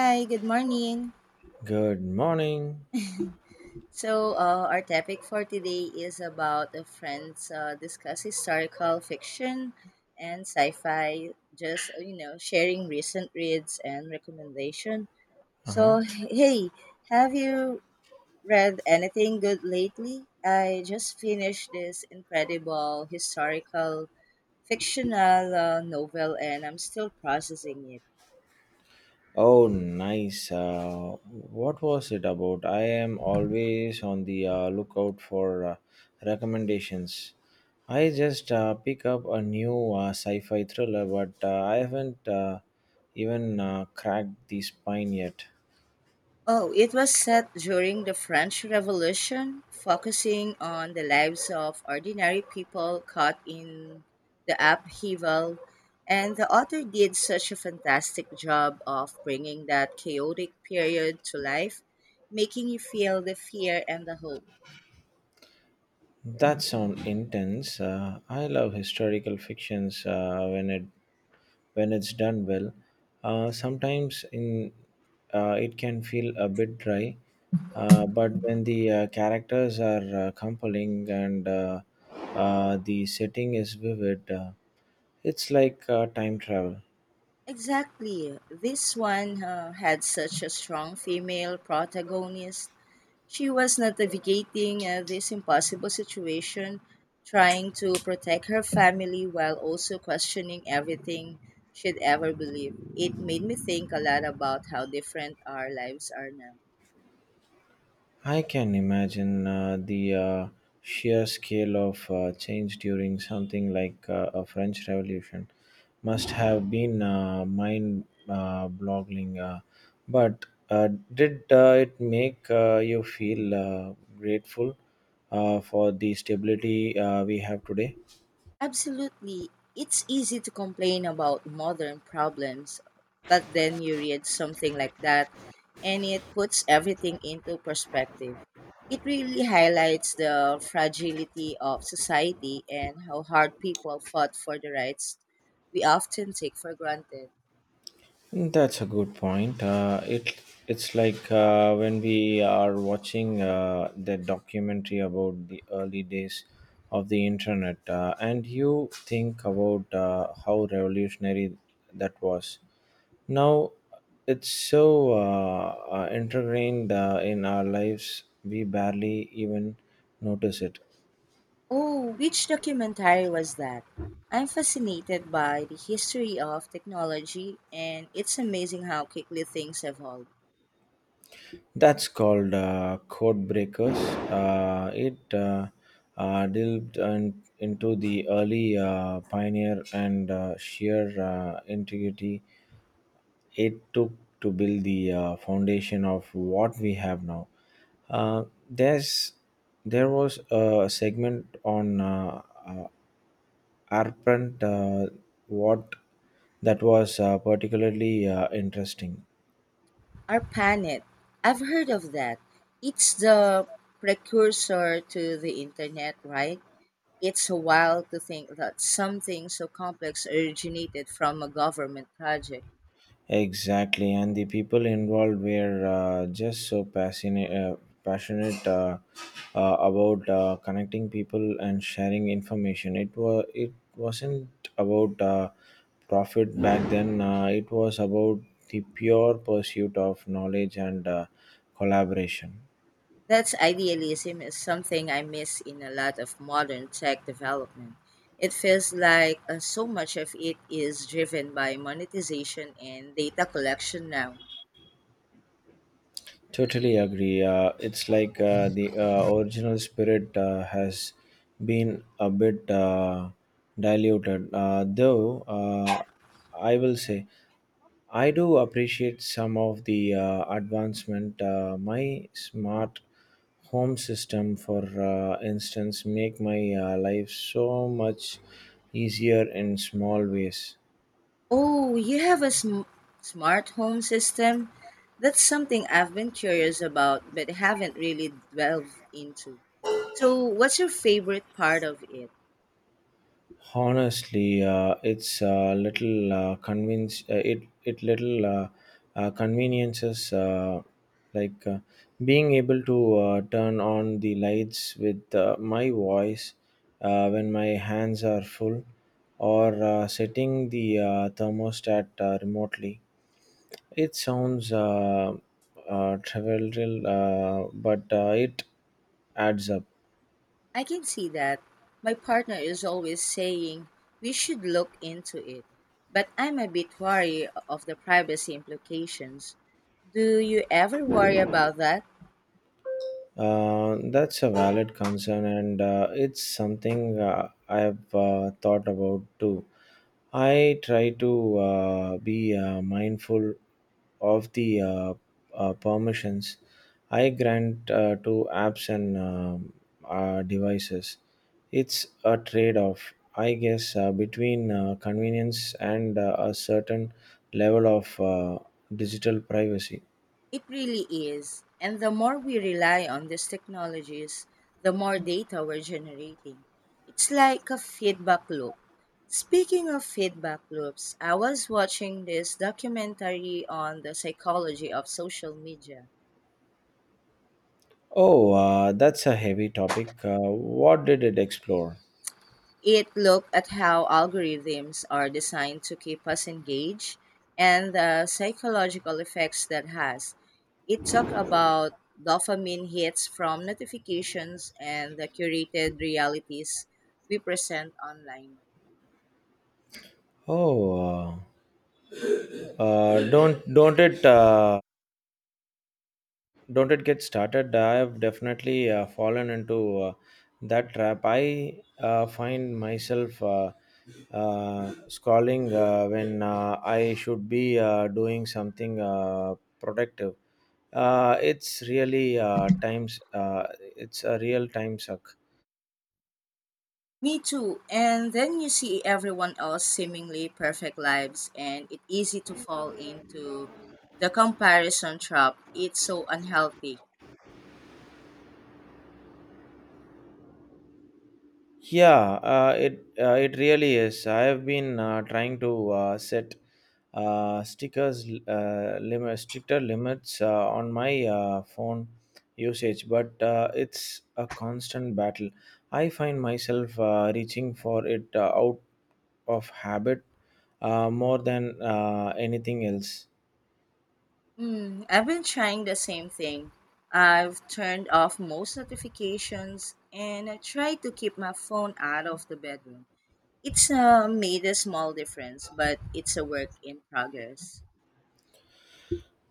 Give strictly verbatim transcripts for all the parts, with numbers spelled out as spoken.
Hi, good morning. Good morning. So, uh, our topic for today is about the friends uh, discuss historical fiction and sci-fi. Just uh, you know, sharing recent reads and recommendation. Uh-huh. So, hey, have you read anything good lately? I just finished this incredible historical fictional uh, novel, and I'm still processing it. Oh, nice. Uh, what was it about? I am always on the uh, lookout for uh, recommendations. I just uh, pick up a new uh, sci-fi thriller, but uh, I haven't uh, even uh, cracked the spine yet. Oh, it was set during the French Revolution, focusing on the lives of ordinary people caught in the upheaval. And the author did such a fantastic job of bringing that chaotic period to life, making you feel the fear and the hope. That sounds intense. Uh, I love historical fictions uh, when it when it's done well. Uh, sometimes in uh, it can feel a bit dry, uh, but when the uh, characters are uh, compelling and uh, uh, the setting is vivid, uh, it's like uh, time travel. Exactly. This one uh, had such a strong female protagonist. She was navigating uh, this impossible situation, trying to protect her family while also questioning everything she'd ever believed. It made me think a lot about how different our lives are now. I can imagine uh, the uh, sheer scale of uh, change during something like uh, a French Revolution must have been uh, mind uh, boggling. Uh, but uh, did uh, it make uh, you feel uh, grateful uh, for the stability uh, we have today? Absolutely. It's easy to complain about modern problems, but then you read something like that and it puts everything into perspective. It really highlights the fragility of society and how hard people fought for the rights we often take for granted. That's a good point. Uh, it it's like uh, when we are watching uh, the documentary about the early days of the internet, uh, and you think about uh, how revolutionary that was. Now it's so uh, uh, ingrained uh, in our lives we barely even notice it. Oh, which documentary was that? I'm fascinated by the history of technology and it's amazing how quickly things evolve. That's called uh, code breakers. Uh, it uh, uh, delved in, into the early uh, pioneer and uh, sheer uh, integrity it took to build the uh, foundation of what we have now. Uh, there's there was a segment on uh, uh, Arpent uh, what that was uh, particularly uh, interesting. ARPANET. I've heard of that. It's the precursor to the internet, right? It's wild to think that something so complex originated from a government project. Exactly, and the people involved were uh, just so passionate, uh, passionate uh, uh, about uh, connecting people and sharing information. It was it wasn't about uh, profit back then. Uh, it was about the pure pursuit of knowledge and uh, collaboration. That's idealism is something I miss in a lot of modern tech development. It feels like uh, so much of it is driven by monetization and data collection now. Totally agree. Uh, it's like uh, the uh, original spirit uh, has been a bit uh, diluted. Uh, though, uh, I will say, I do appreciate some of the uh, advancement. Uh, my smart home system, for uh, instance, make my uh, life so much easier in small ways. Oh, you have a sm- smart home system? That's something I've been curious about but haven't really delved into. So, what's your favorite part of it? Honestly, uh, it's a little uh, convince uh, it it little uh, uh, conveniences uh, like uh, being able to uh, turn on the lights with uh, my voice uh, when my hands are full, or uh, setting the uh, thermostat uh, remotely. It sounds uh, uh, trivial, uh, but uh, it adds up. I can see that. My partner is always saying we should look into it, but I'm a bit wary of the privacy implications. Do you ever worry about that? Uh, that's a valid concern, and uh, it's something uh, I've uh, thought about too. I try to uh, be uh, mindful of the uh, uh, permissions I grant uh, to apps and um, uh, devices. It's a trade off, I guess, uh, between uh, convenience and uh, a certain level of uh, digital privacy. It really is. And the more we rely on these technologies, the more data we're generating. It's like a feedback loop. Speaking of feedback loops, I was watching this documentary on the psychology of social media. Oh, uh, that's a heavy topic. Uh, what did it explore? It looked at how algorithms are designed to keep us engaged and the psychological effects that has. It talked about dopamine hits from notifications and the curated realities we present online. Oh, uh, uh, don't don't it uh, don't it get started. I have definitely uh, fallen into uh, that trap. I uh, find myself uh, uh, scrolling uh, when uh, I should be uh, doing something uh, productive. Uh, it's really uh, times. Uh, it's a real time suck. Me too. And then you see everyone else seemingly perfect lives and it's easy to fall into the comparison trap. It's so unhealthy. Yeah, uh, it uh, it really is. I have been uh, trying to uh, set uh, stickers uh, limit stricter limits uh, on my uh, phone usage, but uh, it's a constant battle. I find myself uh, reaching for it uh, out of habit uh, more than uh, anything else. Mm, I've been trying the same thing. I've turned off most notifications and I try to keep my phone out of the bedroom. It's uh, made a small difference, but it's a work in progress.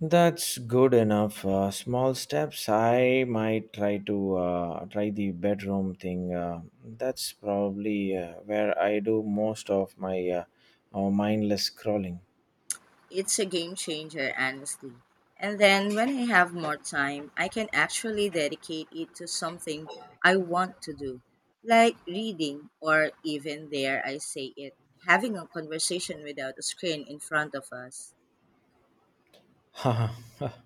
That's good enough. Uh, small steps. I might try to uh, try the bedroom thing. Uh, that's probably uh, where I do most of my uh, uh, mindless scrolling. It's a game changer, honestly. And then when I have more time, I can actually dedicate it to something I want to do, like reading or even, there I say it, having a conversation without a screen in front of us. A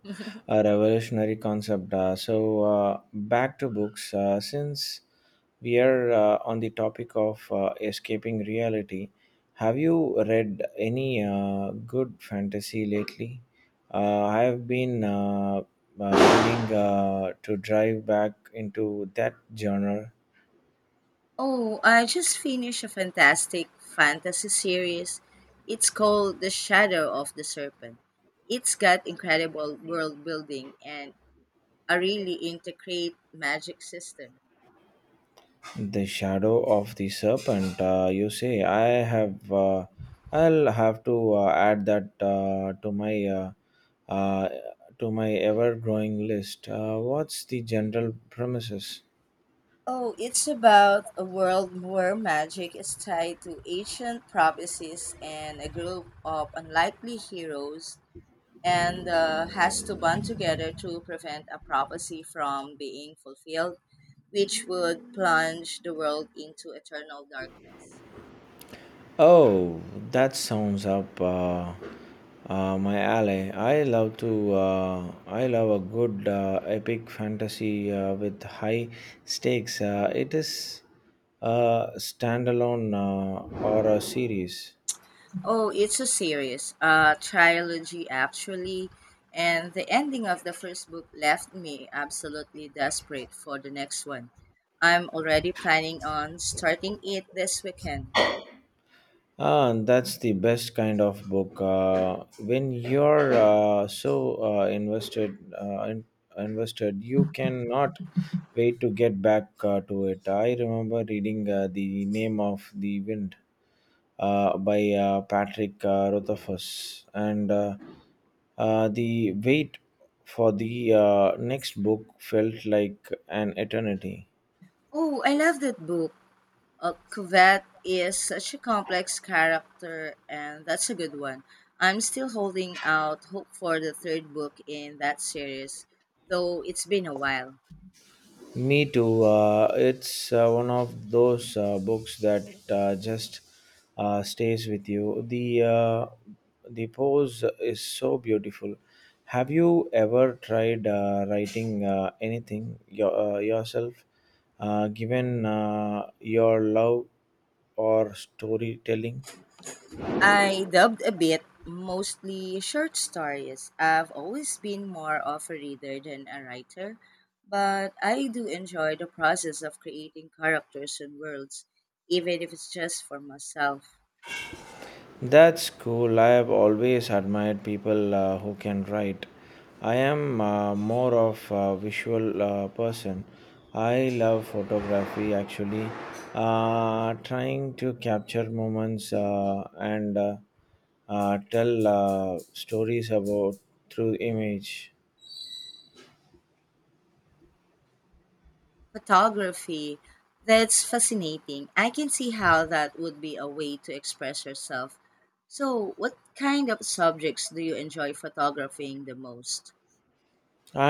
revolutionary concept. Uh, so, uh, back to books. Uh, since we are uh, on the topic of uh, escaping reality, have you read any uh, good fantasy lately? Uh, I have been uh, uh, willing uh, to drive back into that genre. Oh, I just finished a fantastic fantasy series. It's called The Shadow of the Serpent. It's got incredible world building and a really intricate magic system. The shadow of the serpent. Uh, you say I have. Uh, I'll have to uh, add that uh, to my uh, uh, to my ever-growing list. Uh, what's the general premises? Oh, it's about a world where magic is tied to ancient prophecies and a group of unlikely heroes and uh, has to band together to prevent a prophecy from being fulfilled, which would plunge the world into eternal darkness. Oh, that sounds up uh, uh, my alley. I love to. Uh, I love a good uh, epic fantasy uh, with high stakes. Uh, it is a standalone uh, or a series. Oh, it's a series, a trilogy actually, and the ending of the first book left me absolutely desperate for the next one. I'm already planning on starting it this weekend. Ah, that's the best kind of book. Uh, when you're uh, so uh, invested, uh, in, invested, you cannot wait to get back uh, to it. I remember reading uh, the name of the wind uh, by uh, Patrick uh, Rothfuss, and uh, uh, the wait for the uh, next book felt like an eternity. Oh, I love that book. Uh, Cuvette is such a complex character, and that's a good one. I'm still holding out hope for the third book in that series, though it's been a while. Me too. Uh, it's uh, one of those uh, books that uh, just uh, stays with you. The uh, the pose is so beautiful. Have you ever tried uh, writing uh, anything your, uh, yourself, uh, given uh, your love or storytelling? I dubbed a bit, mostly short stories. I've always been more of a reader than a writer, but I do enjoy the process of creating characters and worlds, even if it's just for myself. That's cool. I have always admired people uh, who can write. I am uh, more of a visual uh, person. I love photography actually. Uh, trying to capture moments uh, and uh, uh, tell uh, stories about through image. Photography. That's fascinating. I can see how that would be a way to express yourself. So, what kind of subjects do you enjoy photographing the most?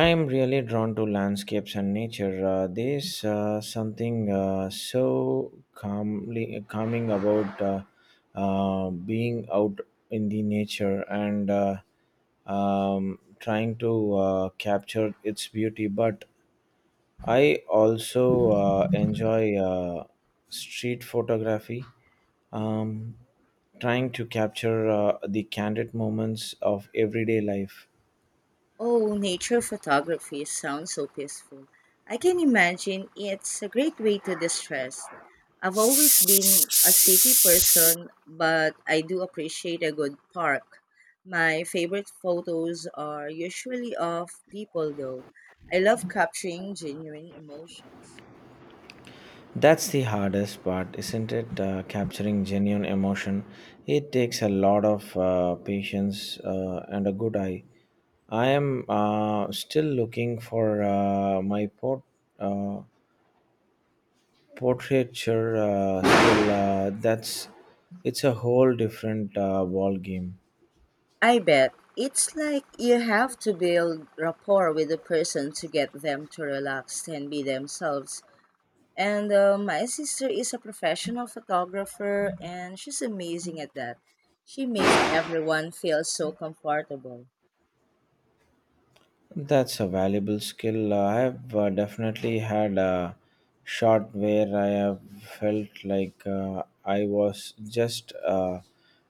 I'm really drawn to landscapes and nature. Uh, there's uh, something uh, so calmly, calming about uh, uh, being out in the nature and uh, um, trying to uh, capture its beauty. But I also uh, enjoy uh, street photography, Mm-hmm. um, trying to capture uh, the candid moments of everyday life. Oh, nature photography sounds so peaceful. I can imagine it's a great way to distress. I've always been a city person, but I do appreciate a good park. My favorite photos are usually of people, though. I love capturing genuine emotions. That's the hardest part, isn't it? Uh, capturing genuine emotion. It takes a lot of uh, patience uh, and a good eye. I am uh, still looking for uh, my port, uh, portraiture uh, skill. Uh, that's It's a whole different uh, ball game. I bet it's like you have to build rapport with the person to get them to relax and be themselves. And uh, my sister is a professional photographer and she's amazing at that. She makes everyone feel so comfortable. That's a valuable skill. Uh, I have uh, definitely had a shot where I have felt like uh, I was just uh,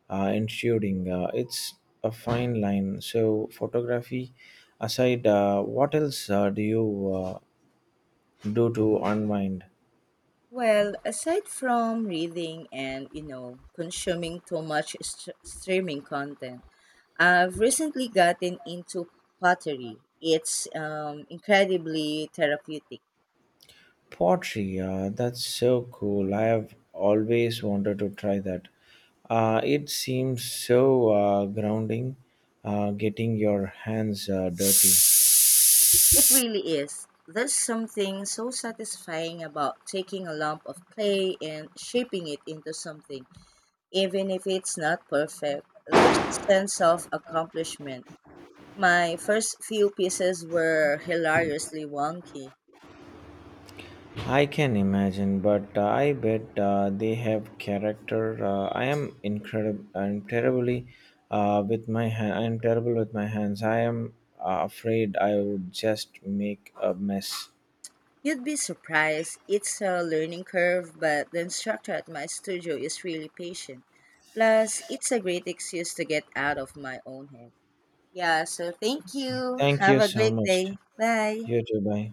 uh, intruding. Uh, it's a fine line. So, photography aside, uh, what else uh, do you uh, do to unwind? Well, aside from reading and, you know, consuming too much st- streaming content, I've recently gotten into pottery. It's um, incredibly therapeutic. Pottery, uh, that's so cool. I have always wanted to try that. Uh, it seems so uh, grounding uh, getting your hands uh, dirty. It really is. There's something so satisfying about taking a lump of clay and shaping it into something even if it's not perfect. There's a sense of accomplishment. My first few pieces were hilariously wonky. I can imagine, but uh, I bet uh, they have character. Uh, I am incredible. I'm terribly uh, with my hand. I'm terrible with my hands. I am uh, afraid I would just make a mess. You'd be surprised. It's a learning curve, but the instructor at my studio is really patient. Plus, it's a great excuse to get out of my own head. Yeah, so thank you. Thank Have you a so great much. day. Bye. You too. Bye.